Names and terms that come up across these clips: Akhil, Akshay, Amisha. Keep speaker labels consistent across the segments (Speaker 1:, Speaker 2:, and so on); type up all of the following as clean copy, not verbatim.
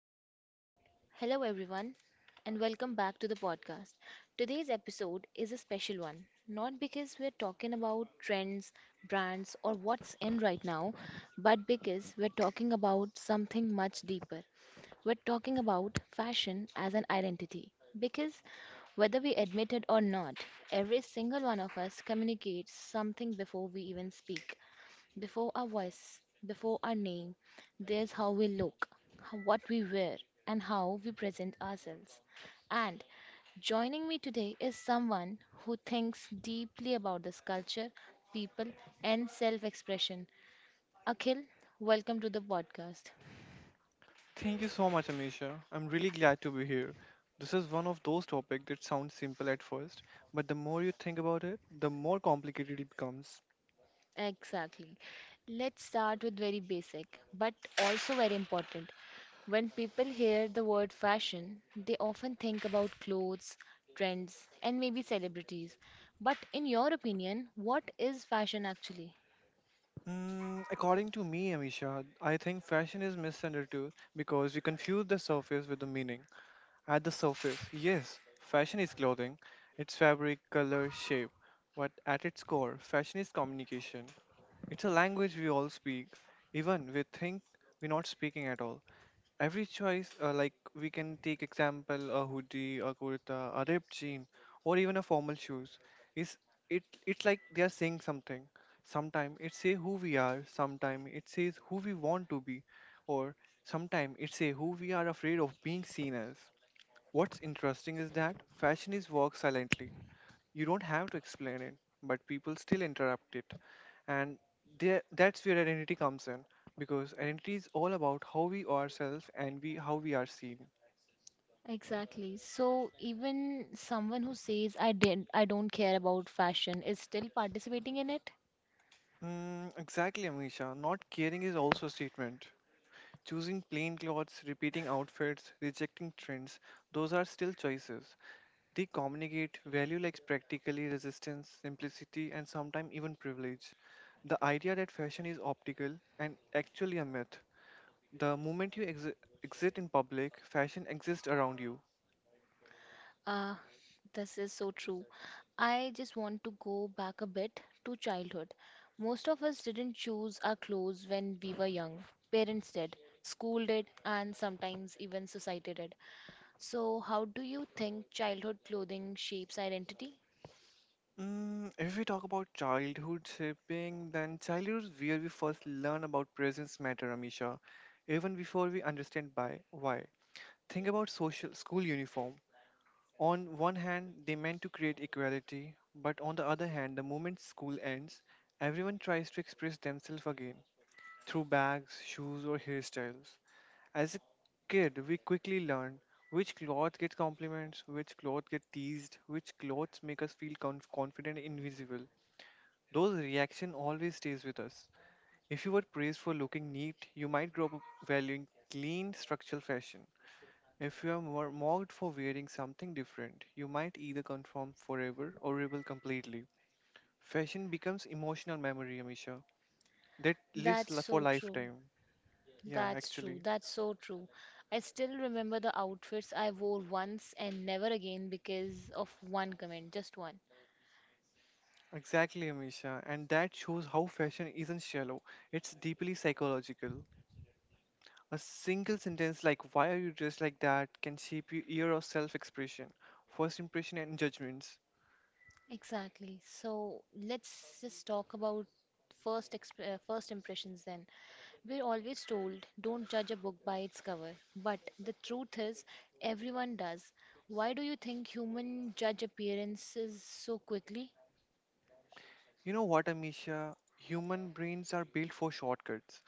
Speaker 1: Hello, hello everyone, and welcome back to the podcast. Today's episode is a special one, not because we're talking about trends, brands, or what's in right now, but because we're talking about something much deeper. We're talking about fashion as an identity. Because whether we admit it or not, every single one of us communicates something before we even speak. Before our voice, before our name, there's how we look, what we wear, and how we present ourselves. And joining me today is someone who thinks deeply about this culture, people, and self expression. Akhil, welcome to the podcast.
Speaker 2: Thank you so much, Amisha. I'm really glad to be here. This is one of those topics that sounds simple at first, but the more you think about it, the more complicated it becomes.
Speaker 1: Exactly. Let's start with very basic, but also very important. When people hear the word fashion, they often think about clothes, trends, and maybe celebrities. But in your opinion, what is fashion actually?
Speaker 2: According to me, Amisha, I think fashion is misunderstood because we confuse the surface with the meaning. At the surface, yes, fashion is clothing, it's fabric, color, shape, but at its core, fashion is communication. It's a language we all speak, even we think we're not speaking at all. Every choice, like we can take example, a hoodie, a kurta, a ripped jean, or even a formal shoes is, it's like they are saying something. Sometimes it say who we are. Sometimes it says who we want to be, or sometimes it say who we are afraid of being seen as. What's interesting is that fashion is work silently. You don't have to explain it, but people still interrupt it. And that's where identity comes in, because identity is all about how we ourselves and we how we are seen.
Speaker 1: Exactly. So even someone who says I don't care about fashion is still participating in it?
Speaker 2: Exactly, amisha, not caring is also a statement. Choosing plain clothes, repeating outfits, rejecting trends, those are still choices. They communicate value, like practically resistance, simplicity, and sometimes even privilege. The idea that fashion is optical and actually a myth. The moment you exi- exit in public, fashion exists around you.
Speaker 1: Ah, this is so true. I just want to go back a bit to childhood. Most of us didn't choose our clothes when we were young. Parents did, school did, and sometimes even society did. So, how do you think childhood clothing shapes identity?
Speaker 2: If we talk about childhood shaping, then childhood is where we first learn about presence matter, Amisha, even before we understand by why. Think about social school uniform. On one hand, they meant to create equality, but on the other hand, the moment school ends, everyone tries to express themselves again through bags, shoes, or hairstyles. As a kid, we quickly learn which clothes get compliments, which clothes get teased, which clothes make us feel confident and invisible. Those reaction always stays with us. If you were praised for looking neat, you might grow up valuing clean structural fashion. If you are more mocked for wearing something different, you might either conform forever or rebel completely. Fashion becomes emotional memory, Amisha, that lives
Speaker 1: That's
Speaker 2: for
Speaker 1: so true.
Speaker 2: lifetime. Yeah,
Speaker 1: That's true.
Speaker 2: actually.
Speaker 1: That's so true. I still remember the outfits I wore once and never again because of one comment, just one.
Speaker 2: Exactly, Amisha. And that shows how fashion isn't shallow, it's deeply psychological. A single sentence like why are you dressed like that can shape your year of self-expression, first impression and judgments.
Speaker 1: Exactly. So let's just talk about first impressions then. We're always told don't judge a book by its cover, but the truth is everyone does. Why do you think human judge appearances so quickly?
Speaker 2: You know what, Amisha? Human brains are built for shortcuts.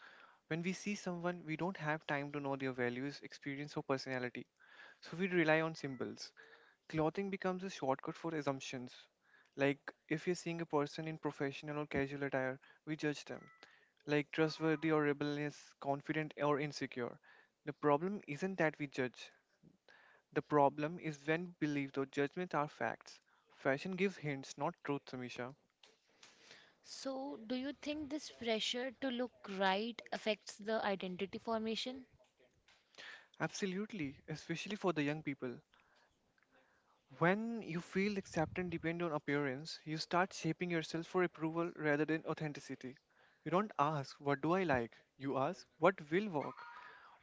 Speaker 2: When we see someone, we don't have time to know their values, experience, or personality. So we rely on symbols. Clothing becomes a shortcut for assumptions. Like, if you're seeing a person in professional or casual attire, we judge them. Like trustworthy or rebellious, confident or insecure. The problem isn't that we judge. The problem is when beliefs or judgments are facts. Fashion gives hints, not truth, Samisha.
Speaker 1: So, do you think this pressure to look right affects the identity formation?
Speaker 2: Absolutely, especially for the young people. When you feel acceptance depend on appearance, you start shaping yourself for approval rather than authenticity. You don't ask, what do I like? You ask, what will work?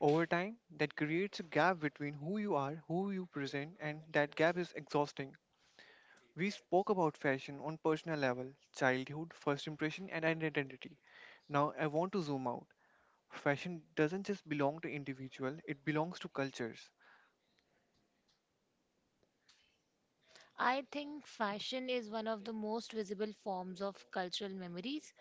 Speaker 2: Over time, that creates a gap between who you are, who you present, and that gap is exhausting. We spoke about fashion on personal level, childhood, first impression, and identity. Now I want to zoom out. Fashion doesn't just belong to individual, it belongs to cultures.
Speaker 1: I think fashion is one of the most visible forms of cultural memories.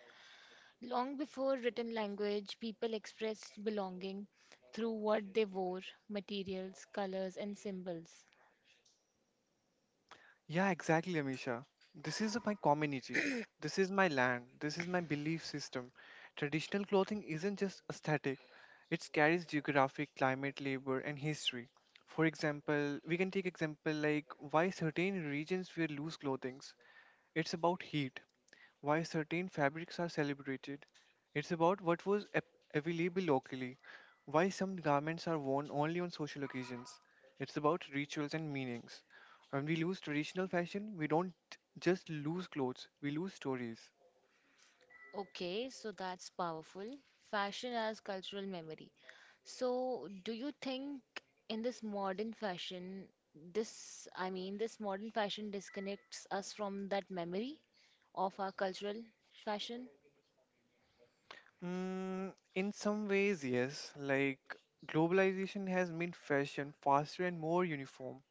Speaker 1: Long before written language, people expressed belonging through what they wore, materials, colors, and symbols.
Speaker 2: Yeah, exactly, Amisha. This is my community. This is my land. This is my belief system. Traditional clothing isn't just aesthetic. It carries geographic, climate, labor, and history. For example, we can take example like why certain regions wear loose clothings. It's about heat. Why certain fabrics are celebrated. It's about what was ap- available locally, why some garments are worn only on social occasions. It's about rituals and meanings. When we lose traditional fashion, we don't just lose clothes, we lose stories.
Speaker 1: Okay, so that's powerful. Fashion as cultural memory. So, do you think in this modern fashion, I mean, this modern fashion disconnects us from that memory of our cultural fashion?
Speaker 2: In some ways, yes. Like, globalization has made fashion faster and more uniform.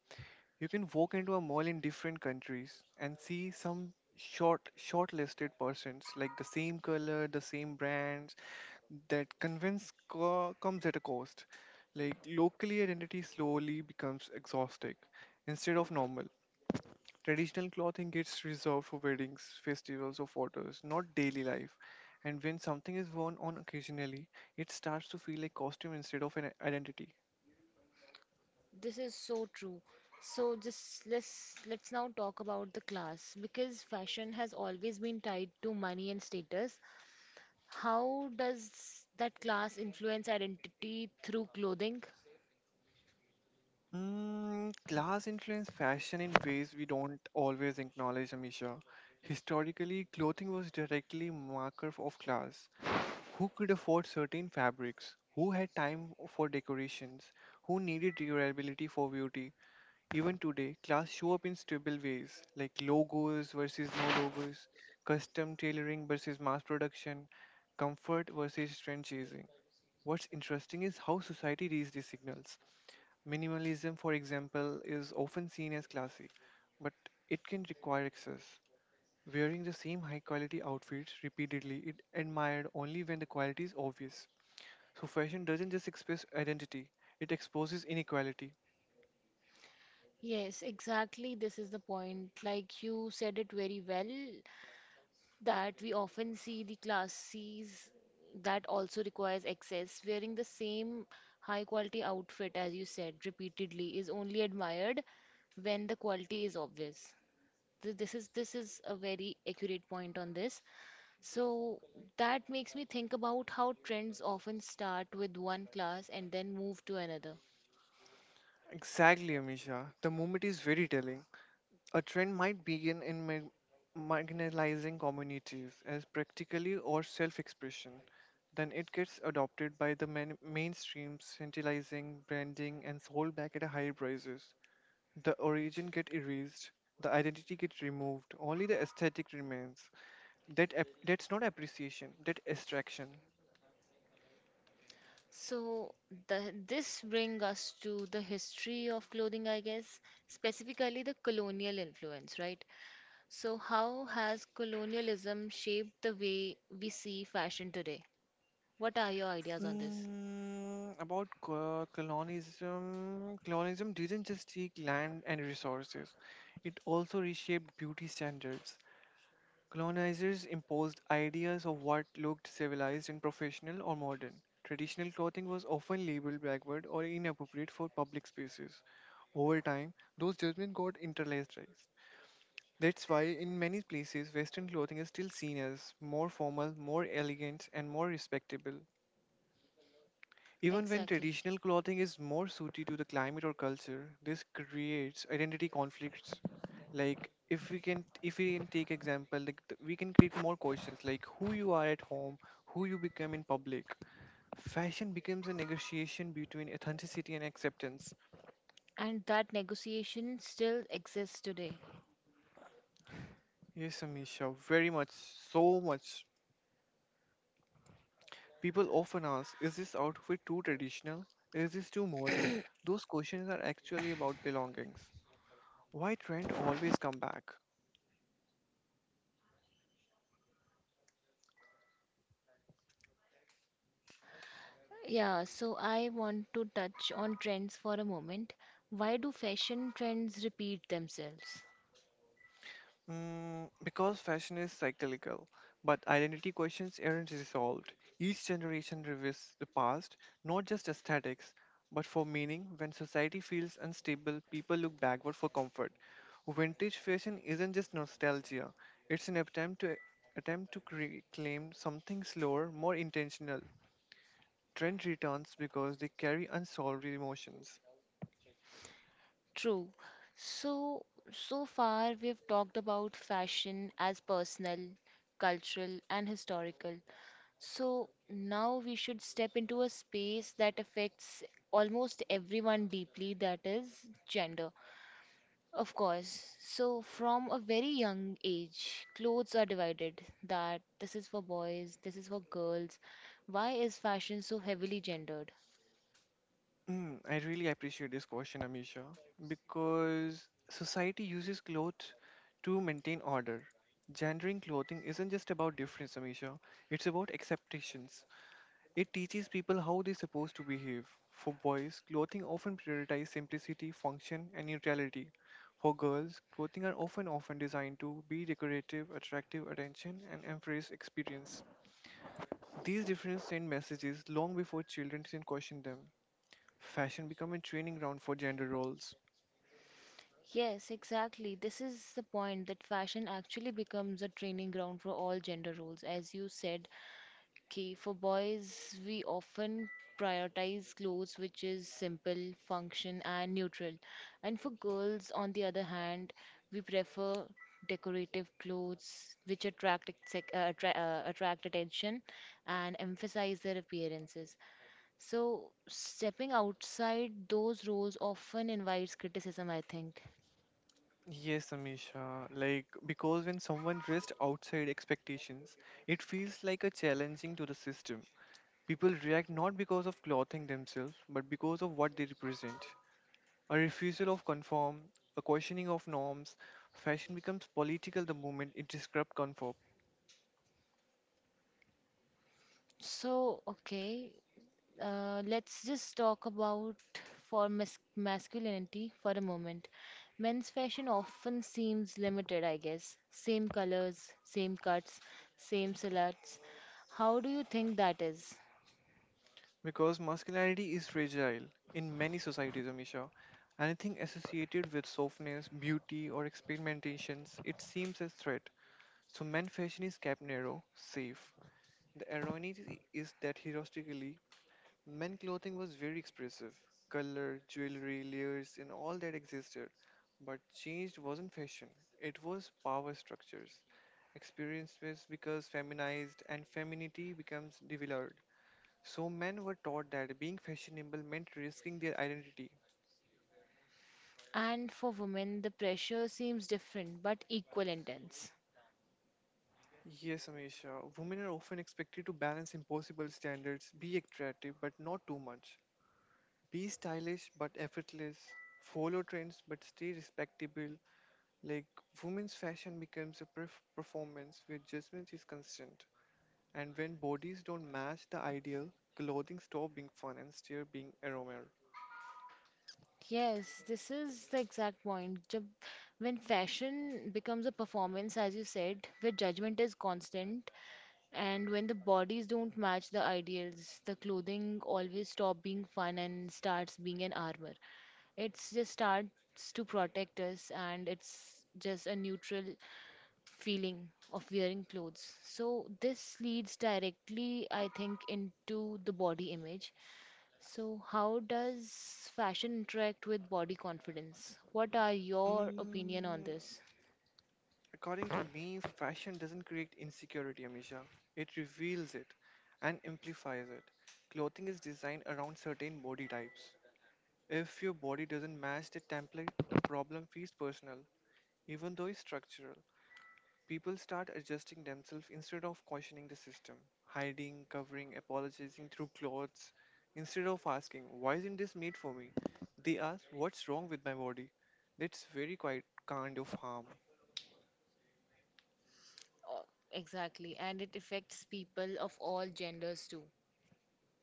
Speaker 2: You can walk into a mall in different countries and see some shortlisted persons like the same color, the same brands, comes at a cost. Like locally identity slowly becomes exhausting instead of normal. Traditional clothing gets reserved for weddings, festivals or photos, not daily life. And when something is worn on occasionally, it starts to feel like costume instead of an identity.
Speaker 1: This is so true. So, just let's now talk about the class, because fashion has always been tied to money and status. How does that class influence identity through clothing?
Speaker 2: Class influenced fashion in ways we don't always acknowledge, Amisha. Historically, clothing was directly marker of class. Who could afford certain fabrics? Who had time for decorations? Who needed durability for beauty? Even today, class show up in stable ways, like logos versus no logos, custom tailoring versus mass production, comfort versus trend chasing. What's interesting is how society reads these signals. Minimalism, for example, is often seen as classy, but it can require excess. Wearing the same high quality outfits repeatedly is admired only when the quality is obvious. So, fashion doesn't just express identity, it exposes inequality.
Speaker 1: Yes, exactly. This is the point. Like you said it very well, that we often see the classes that also requires excess. Wearing the same high quality outfit, as you said, repeatedly is only admired when the quality is obvious. This is this is a very accurate point on this. So that makes me think about how trends often start with one class and then move to another.
Speaker 2: Exactly, Amisha. The moment is very telling. A trend might begin in mar- marginalizing communities as practically or self expression. Then it gets adopted by the main- mainstream, centralizing, branding, and sold back at higher prices. The origin get erased, the identity gets removed, only the aesthetic remains. That's not appreciation, that extraction.
Speaker 1: So this brings us to the history of clothing, I guess, specifically the colonial influence, right? So, how has colonialism shaped the way we see fashion today? What are your ideas on this?
Speaker 2: Colonialism, colonialism didn't just take land and resources, it also reshaped beauty standards. Colonizers imposed ideas of what looked civilized and professional or modern. Traditional clothing was often labeled backward or inappropriate for public spaces. Over time, those judgments got internalized. That's why, in many places, Western clothing is still seen as more formal, more elegant, and more respectable. Even when
Speaker 1: Exactly.
Speaker 2: traditional clothing is more suited to the climate or culture, this creates identity conflicts. Like, if we can take example, we can create more questions like who you are at home, who you become in public. Fashion becomes a negotiation between authenticity and acceptance.
Speaker 1: And that negotiation still exists today.
Speaker 2: Yes, Amisha, very much, so much. People often ask, is this outfit too traditional? Is this too modern? Those questions are actually about belongings. Why trend always come back?
Speaker 1: Yeah, so I want to touch on trends for a moment. Why do fashion trends repeat themselves?
Speaker 2: Because fashion is cyclical, but identity questions aren't resolved. Each generation revisits the past, not just aesthetics, but for meaning. When society feels unstable, people look backward for comfort. Vintage fashion isn't just nostalgia; it's an attempt to claim something slower, more intentional. Trend returns because they carry unsolved emotions.
Speaker 1: True. So, so far we've talked about fashion as personal, cultural, and historical. So now we should step into a space that affects almost everyone deeply, that is gender. Of course. So from a very young age, clothes are divided that this is for boys, this is for girls. Why is fashion so heavily gendered?
Speaker 2: I really appreciate this question, Amisha, because society uses clothes to maintain order. Gendering clothing isn't just about difference, Amisha. It's about acceptations. It teaches people how they're supposed to behave. For boys, clothing often prioritizes simplicity, function, and neutrality. For girls, clothing are often designed to be decorative, attractive, attention, and embrace experience. These differences send messages long before children can question them. Fashion become a training ground for gender roles.
Speaker 1: Yes, exactly. This is the point that fashion actually becomes a training ground for all gender roles. As you said, okay, for boys, we often prioritize clothes which is simple, function, and neutral. And for girls, on the other hand, we prefer decorative clothes which attract attract attention and emphasize their appearances. So, stepping outside those roles often invites criticism, I think.
Speaker 2: Yes, Amisha. Like, because when someone dressed outside expectations, it feels like a challenging to the system. People react not because of clothing themselves, but because of what they represent. A refusal of conform, a questioning of norms, fashion becomes political the moment it disrupts conform.
Speaker 1: So, okay, let's just talk about masculinity for a moment. Men's fashion often seems limited, I guess. Same colors, same cuts, same silhouettes. How do you think that is?
Speaker 2: Because masculinity is fragile in many societies, Amisha. Anything associated with softness, beauty, or experimentations, it seems a threat. So men fashion is kept narrow, safe. The irony is that historically, men clothing was very expressive. Color, jewelry, layers, and all that existed. But changed wasn't fashion, it was power structures. Experiences because feminized and femininity becomes devalued. So men were taught that being fashionable meant risking their identity.
Speaker 1: And for women, the pressure seems different but equal intense.
Speaker 2: Yes, Amisha, women are often expected to balance impossible standards, be attractive, but not too much. Be stylish but effortless. Follow trends but stay respectable. Like, women's fashion becomes a performance where judgment is constant. And when bodies don't match the ideal, clothing stops being fun and starts being aroma.
Speaker 1: Yes, this is the exact point. Jab, when fashion becomes a performance, as you said, where judgment is constant, and when the bodies don't match the ideals, the clothing always stop being fun and starts being an armor. It's just starts to protect us and it's just a neutral feeling of wearing clothes. So this leads directly, I think, into the body image. So how does fashion interact with body confidence? What are your opinion
Speaker 2: Mm,
Speaker 1: on this?
Speaker 2: According to me, fashion doesn't create insecurity, Amisha. It reveals it and amplifies it. Clothing is designed around certain body types. If your body doesn't match the template, the problem feels personal. Even though it's structural, people start adjusting themselves instead of questioning the system, hiding, covering, apologizing through clothes. Instead of asking, why isn't this made for me? They ask, what's wrong with my body? That's very quite kind of harm.
Speaker 1: Oh, exactly, and it affects people of all genders too.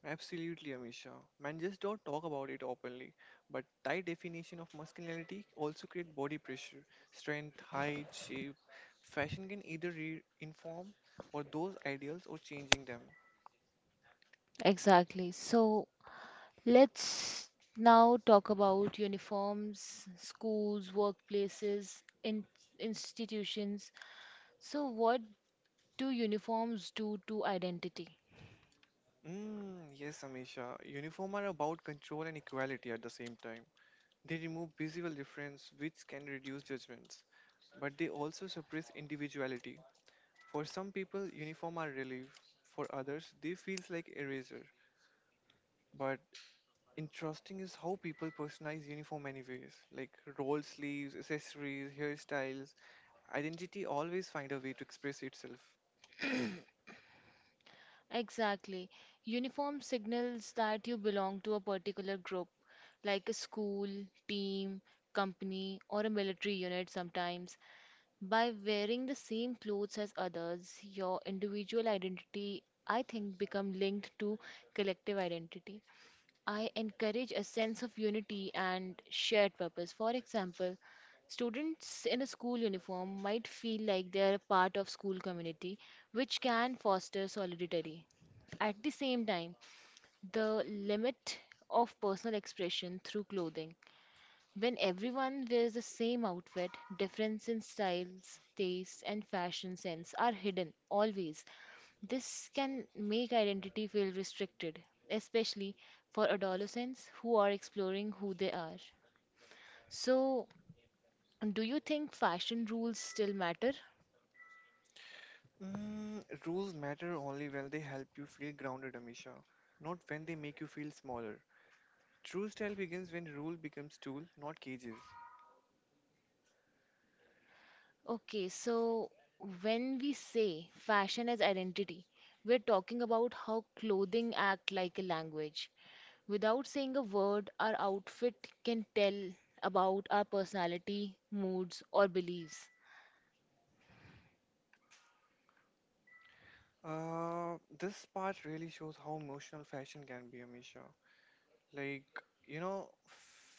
Speaker 2: Absolutely, Amisha. Men just don't talk about it openly. But tight definition of masculinity also create body pressure, strength, height, shape. Fashion can either inform or those ideals or changing them.
Speaker 1: Exactly. So let's now talk about uniforms, schools, workplaces, in institutions. So what do uniforms do to identity?
Speaker 2: Yes, Amisha. Uniform are about control and equality at the same time. They remove visible difference, which can reduce judgments, but they also suppress individuality. For some people, uniform are relief. For others, they feels like eraser. But interesting is how people personalize uniform anyways, like roll sleeves, accessories, hairstyles. Identity always find a way to express itself.
Speaker 1: Exactly. Uniform signals that you belong to a particular group, like a school, team, company, or a military unit sometimes. By wearing the same clothes as others, your individual identity, I think, become linked to collective identity. I encourage a sense of unity and shared purpose. For example, students in a school uniform might feel like they are a part of school community, which can foster solidarity. At the same time, the limit of personal expression through clothing. When everyone wears the same outfit, difference in styles, tastes, and fashion sense are hidden always. This can make identity feel restricted, especially for adolescents who are exploring who they are. So, do you think fashion rules still matter?
Speaker 2: Rules matter only when they help you feel grounded, Amisha, not when they make you feel smaller. True style begins when rule becomes tool, not cages.
Speaker 1: Okay, so when we say fashion as identity, we're talking about how clothing act like a language. Without saying a word, our outfit can tell about our personality, moods, or beliefs.
Speaker 2: This part really shows how emotional fashion can be, Amisha. Like, you know,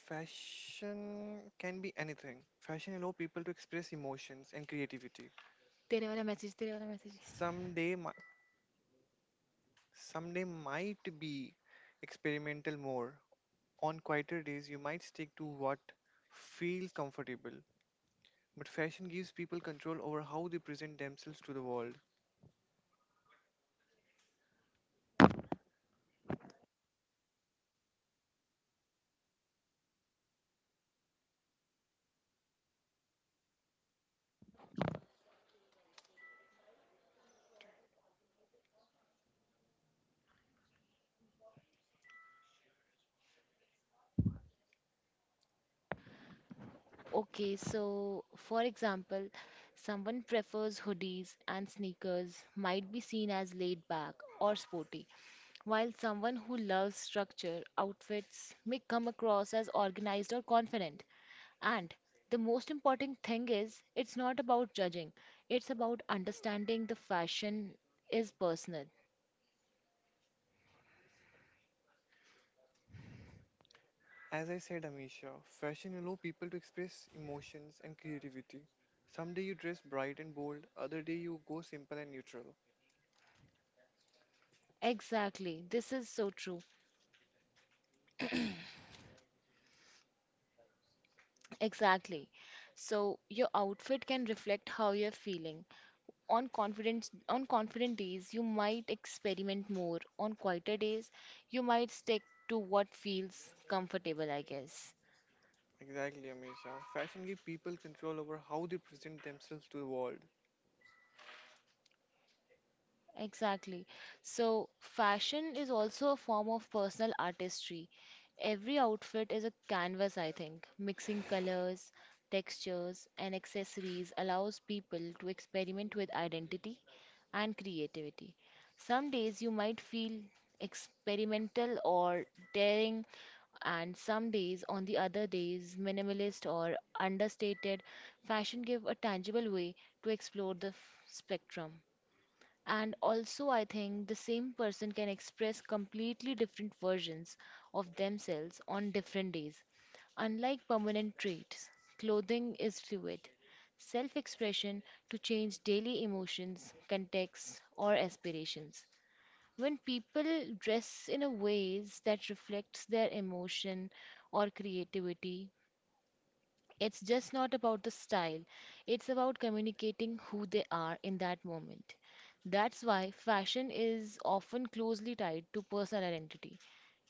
Speaker 2: fashion can be anything. Fashion allow people to express emotions and creativity.
Speaker 1: तेरे वाला message तेरे वाला message.
Speaker 2: Someday, mi- Someday might be experimental more. On quieter days, you might stick to what feels comfortable. But fashion gives people control over how they present themselves to the world.
Speaker 1: Okay, so for example, someone prefers hoodies and sneakers might be seen as laid back or sporty, while someone who loves structure outfits may come across as organized or confident. And the most important thing is it's not about judging, it's about understanding the fashion is personal.
Speaker 2: As I said, Amisha, fashion allows people to express emotions and creativity. Someday you dress bright and bold, other day you go simple and neutral.
Speaker 1: Exactly, this is so true. Exactly. So, your outfit can reflect how you're feeling. On confident days, you might experiment more. On quieter days, you might stick to what feels comfortable, I guess.
Speaker 2: Exactly, Amisha. Fashion gives people control over how they present themselves to the world.
Speaker 1: Exactly. So, fashion is also a form of personal artistry. Every outfit is a canvas, I think. Mixing colors, textures, and accessories allows people to experiment with identity and creativity. Some days you might feel experimental or daring, and some days on the other days minimalist or understated, fashion give a tangible way to explore the spectrum. And also I think the same person can express completely different versions of themselves on different days. Unlike permanent traits, clothing is fluid self expression to change daily emotions, contexts, or aspirations. When people dress in a ways that reflects their emotion or creativity, it's just not about the style. It's about communicating who they are in that moment. That's why fashion is often closely tied to personal identity.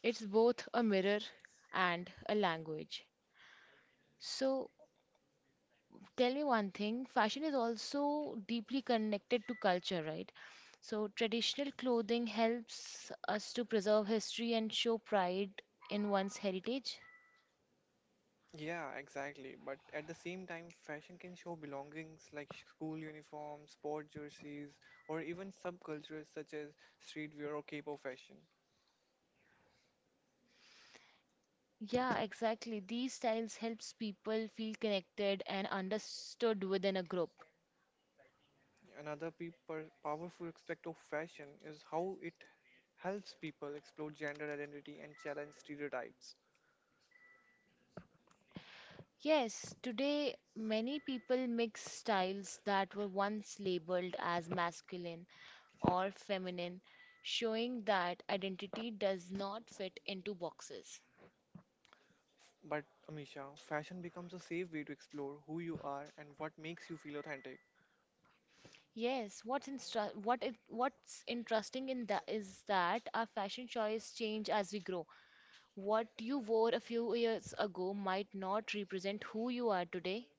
Speaker 1: It's both a mirror and a language. So, tell me one thing, fashion is also deeply connected to culture, right? So, traditional clothing helps us to preserve history and show pride in one's heritage.
Speaker 2: Yeah, exactly. But at the same time, fashion can show belongings like school uniforms, sport jerseys, or even subcultures such as streetwear or K-pop fashion.
Speaker 1: Yeah, exactly. These styles helps people feel connected and understood within a group.
Speaker 2: Another people powerful aspect of fashion is how it helps people explore gender identity and challenge stereotypes.
Speaker 1: Yes, today many people mix styles that were once labeled as masculine or feminine, showing that identity does not fit into boxes.
Speaker 2: But Amisha, fashion becomes a safe way to explore who you are and what makes you feel authentic.
Speaker 1: Yes, what's instra- what it, what's interesting in that is that our fashion choice change as we grow. What you wore a few years ago might not represent who you are today.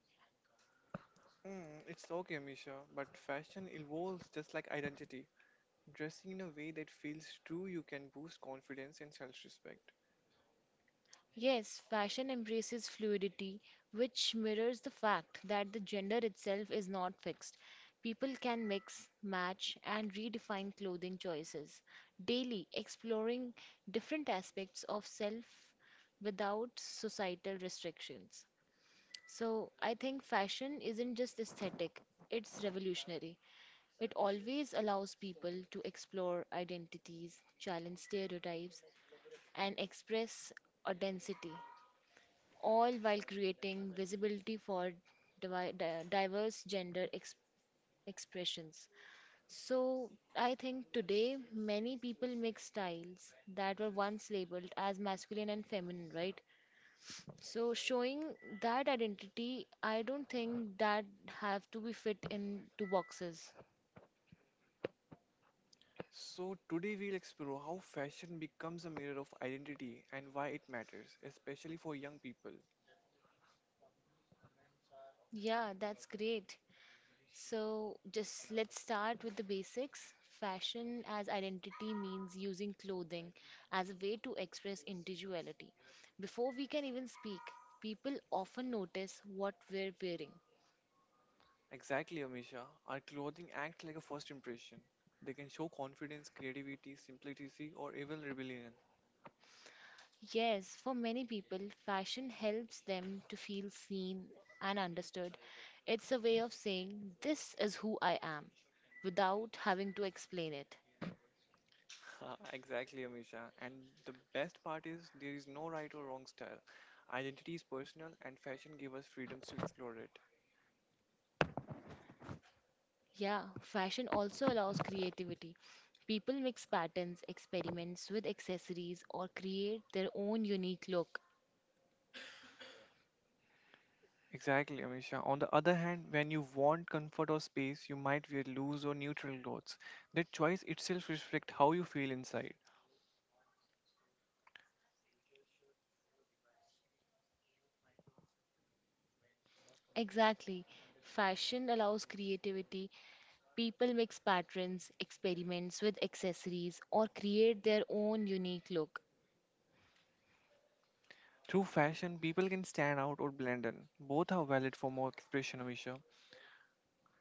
Speaker 2: Mm, it's okay, Amisha, but fashion evolves just like identity. Dressing in a way that feels true, you can boost confidence and self respect.
Speaker 1: Yes, fashion embraces fluidity, which mirrors the fact that the gender itself is not fixed. People can mix, match, and redefine clothing choices daily, exploring different aspects of self without societal restrictions. So I think fashion isn't just aesthetic, it's revolutionary. It always allows people to explore identities, challenge stereotypes, and express authenticity, all while creating visibility for diverse gender expressions. So I think today many people mix styles that were once labeled as masculine and feminine, right? So showing that identity, I don't think that have to be fit into boxes.
Speaker 2: So, today we'll explore how fashion becomes a mirror of identity and why it matters, especially for young people.
Speaker 1: Yeah, that's great. So just let's start with the basics. Fashion as identity means using clothing as a way to express individuality. Before we can even speak, people often notice what we're wearing.
Speaker 2: Exactly, Amisha. Our clothing acts like a first impression. They can show confidence, creativity, simplicity, or even rebellion.
Speaker 1: Yes, for many people, fashion helps them to feel seen and understood. It's a way of saying, "This is who I am," without having to explain it.
Speaker 2: Exactly, Amisha. And the best part is there is no right or wrong style. Identity is personal, and fashion gives us freedoms to explore it.
Speaker 1: Yeah, fashion also allows creativity. People mix patterns, experiments with accessories, or create their own unique look.
Speaker 2: Exactly, Amisha. On the other hand, when you want comfort or space, you might wear loose or neutral clothes. That choice itself reflects how you feel inside.
Speaker 1: Exactly. Fashion allows creativity. People mix patterns, experiments with accessories, or create their own unique look.
Speaker 2: Through fashion, people can stand out or blend in. Both are valid form of expression, Amisha.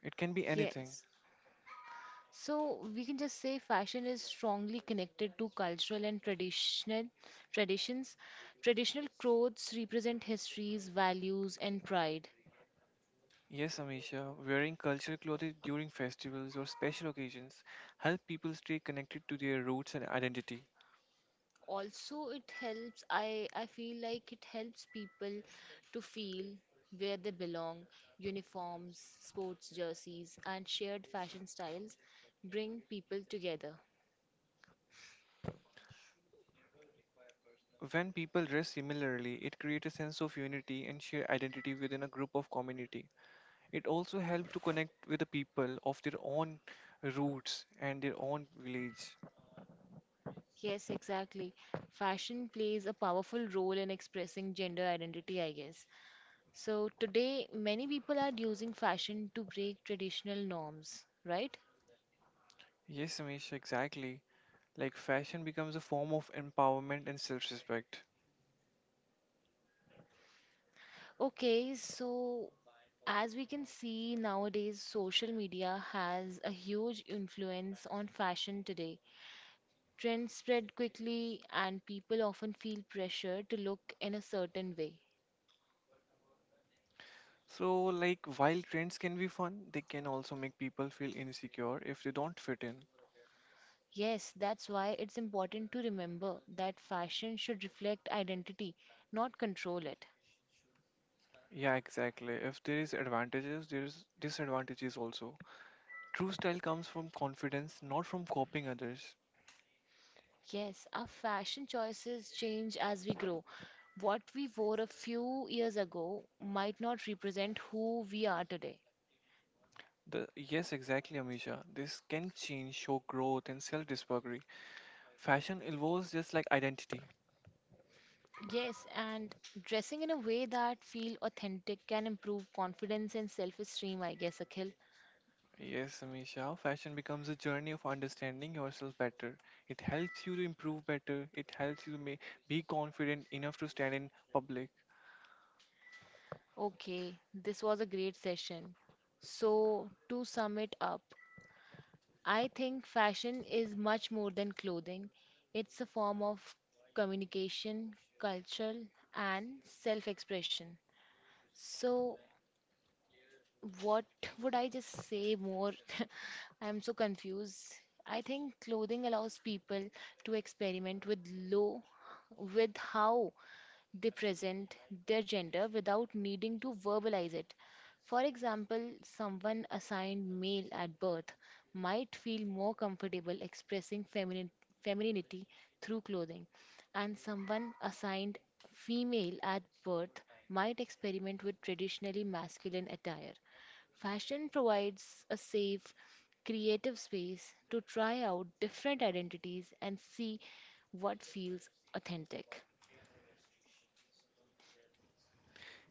Speaker 2: It can be anything.
Speaker 1: Yes. So we can just say fashion is strongly connected to cultural and traditional traditions. Traditional clothes represent histories, values, and pride.
Speaker 2: Yes, Amisha, wearing cultural clothing during festivals or special occasions help people stay connected to their roots and identity.
Speaker 1: Also, it helps, I feel like it helps people to feel where they belong. Uniforms, sports jerseys, and shared fashion styles bring people together.
Speaker 2: When people dress similarly, it creates a sense of unity and shared identity within a group of community. It also helps to connect with the people of their own roots and their own village.
Speaker 1: Yes, exactly. Fashion plays a powerful role in expressing gender identity, I guess. So today, many people are using fashion to break traditional norms, right?
Speaker 2: Yes, Amisha, exactly. Like fashion becomes a form of empowerment and self-respect.
Speaker 1: Okay, so as we can see nowadays, social media has a huge influence on fashion today. Trends spread quickly, and people often feel pressure to look in a certain way.
Speaker 2: So, like, while trends can be fun, they can also make people feel insecure if they don't fit in.
Speaker 1: Yes, that's why it's important to remember that fashion should reflect identity, not control it.
Speaker 2: Yeah, exactly. If there is advantages, there is disadvantages also. True style comes from confidence, not from copying others.
Speaker 1: Yes, our fashion choices change as we grow. What we wore a few years ago might not represent who we are today.
Speaker 2: The yes, exactly, Amisha. This can change, show growth and self-discovery. Fashion evolves just like identity.
Speaker 1: Yes, and dressing in a way that feel authentic can improve confidence and self-esteem, I guess, Akhil.
Speaker 2: Yes, Amisha. Fashion becomes a journey of understanding yourself better. It helps you to improve better. It helps you to be confident enough to stand in public.
Speaker 1: Okay, this was a great session. So, to sum it up, I think fashion is much more than clothing. It's a form of communication, culture, and self expression. So, what would I just say more, I'm so confused. I think clothing allows people to experiment with low with how they present their gender without needing to verbalize it. For example, someone assigned male at birth might feel more comfortable expressing feminine femininity through clothing, and someone assigned female at birth might experiment with traditionally masculine attire. Fashion provides a safe, creative space to try out different identities and see what feels authentic.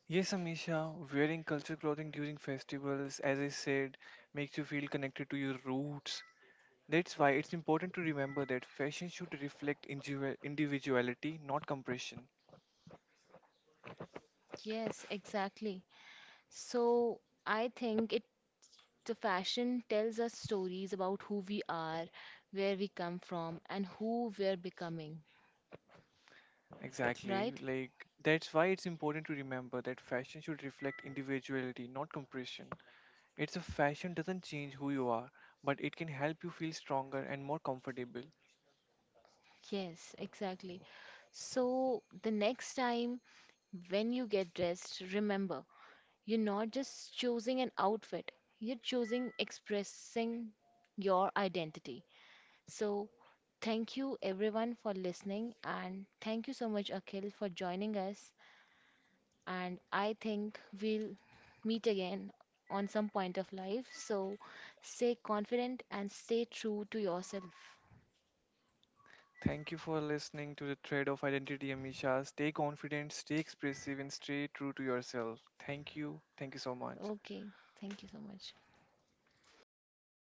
Speaker 2: Yes, Amisha, wearing culture clothing during festivals, as I said, makes you feel connected to your roots. That's why it's important to remember that fashion should reflect individuality, not compression.
Speaker 1: Yes, exactly. So I think it the fashion tells us stories about who we are, where we come from, and who we're becoming,
Speaker 2: Exactly.
Speaker 1: right?
Speaker 2: Like, that's why it's important to remember that fashion should reflect individuality, not compression. It's a fashion doesn't change who you are, but it can help you feel stronger and more comfortable.
Speaker 1: Yes, exactly. So the next time when you get dressed, remember, you're not just choosing an outfit, you're choosing expressing your identity. So, thank you everyone for listening, and thank you so much, Akhil, for joining us. And I think we'll meet again on some point of life. So, stay confident and stay true to yourself.
Speaker 2: Thank you for listening to the thread of identity, Amisha. Stay confident, stay expressive, and stay true to yourself. Thank you. Thank you so much.
Speaker 1: Okay, thank you so much.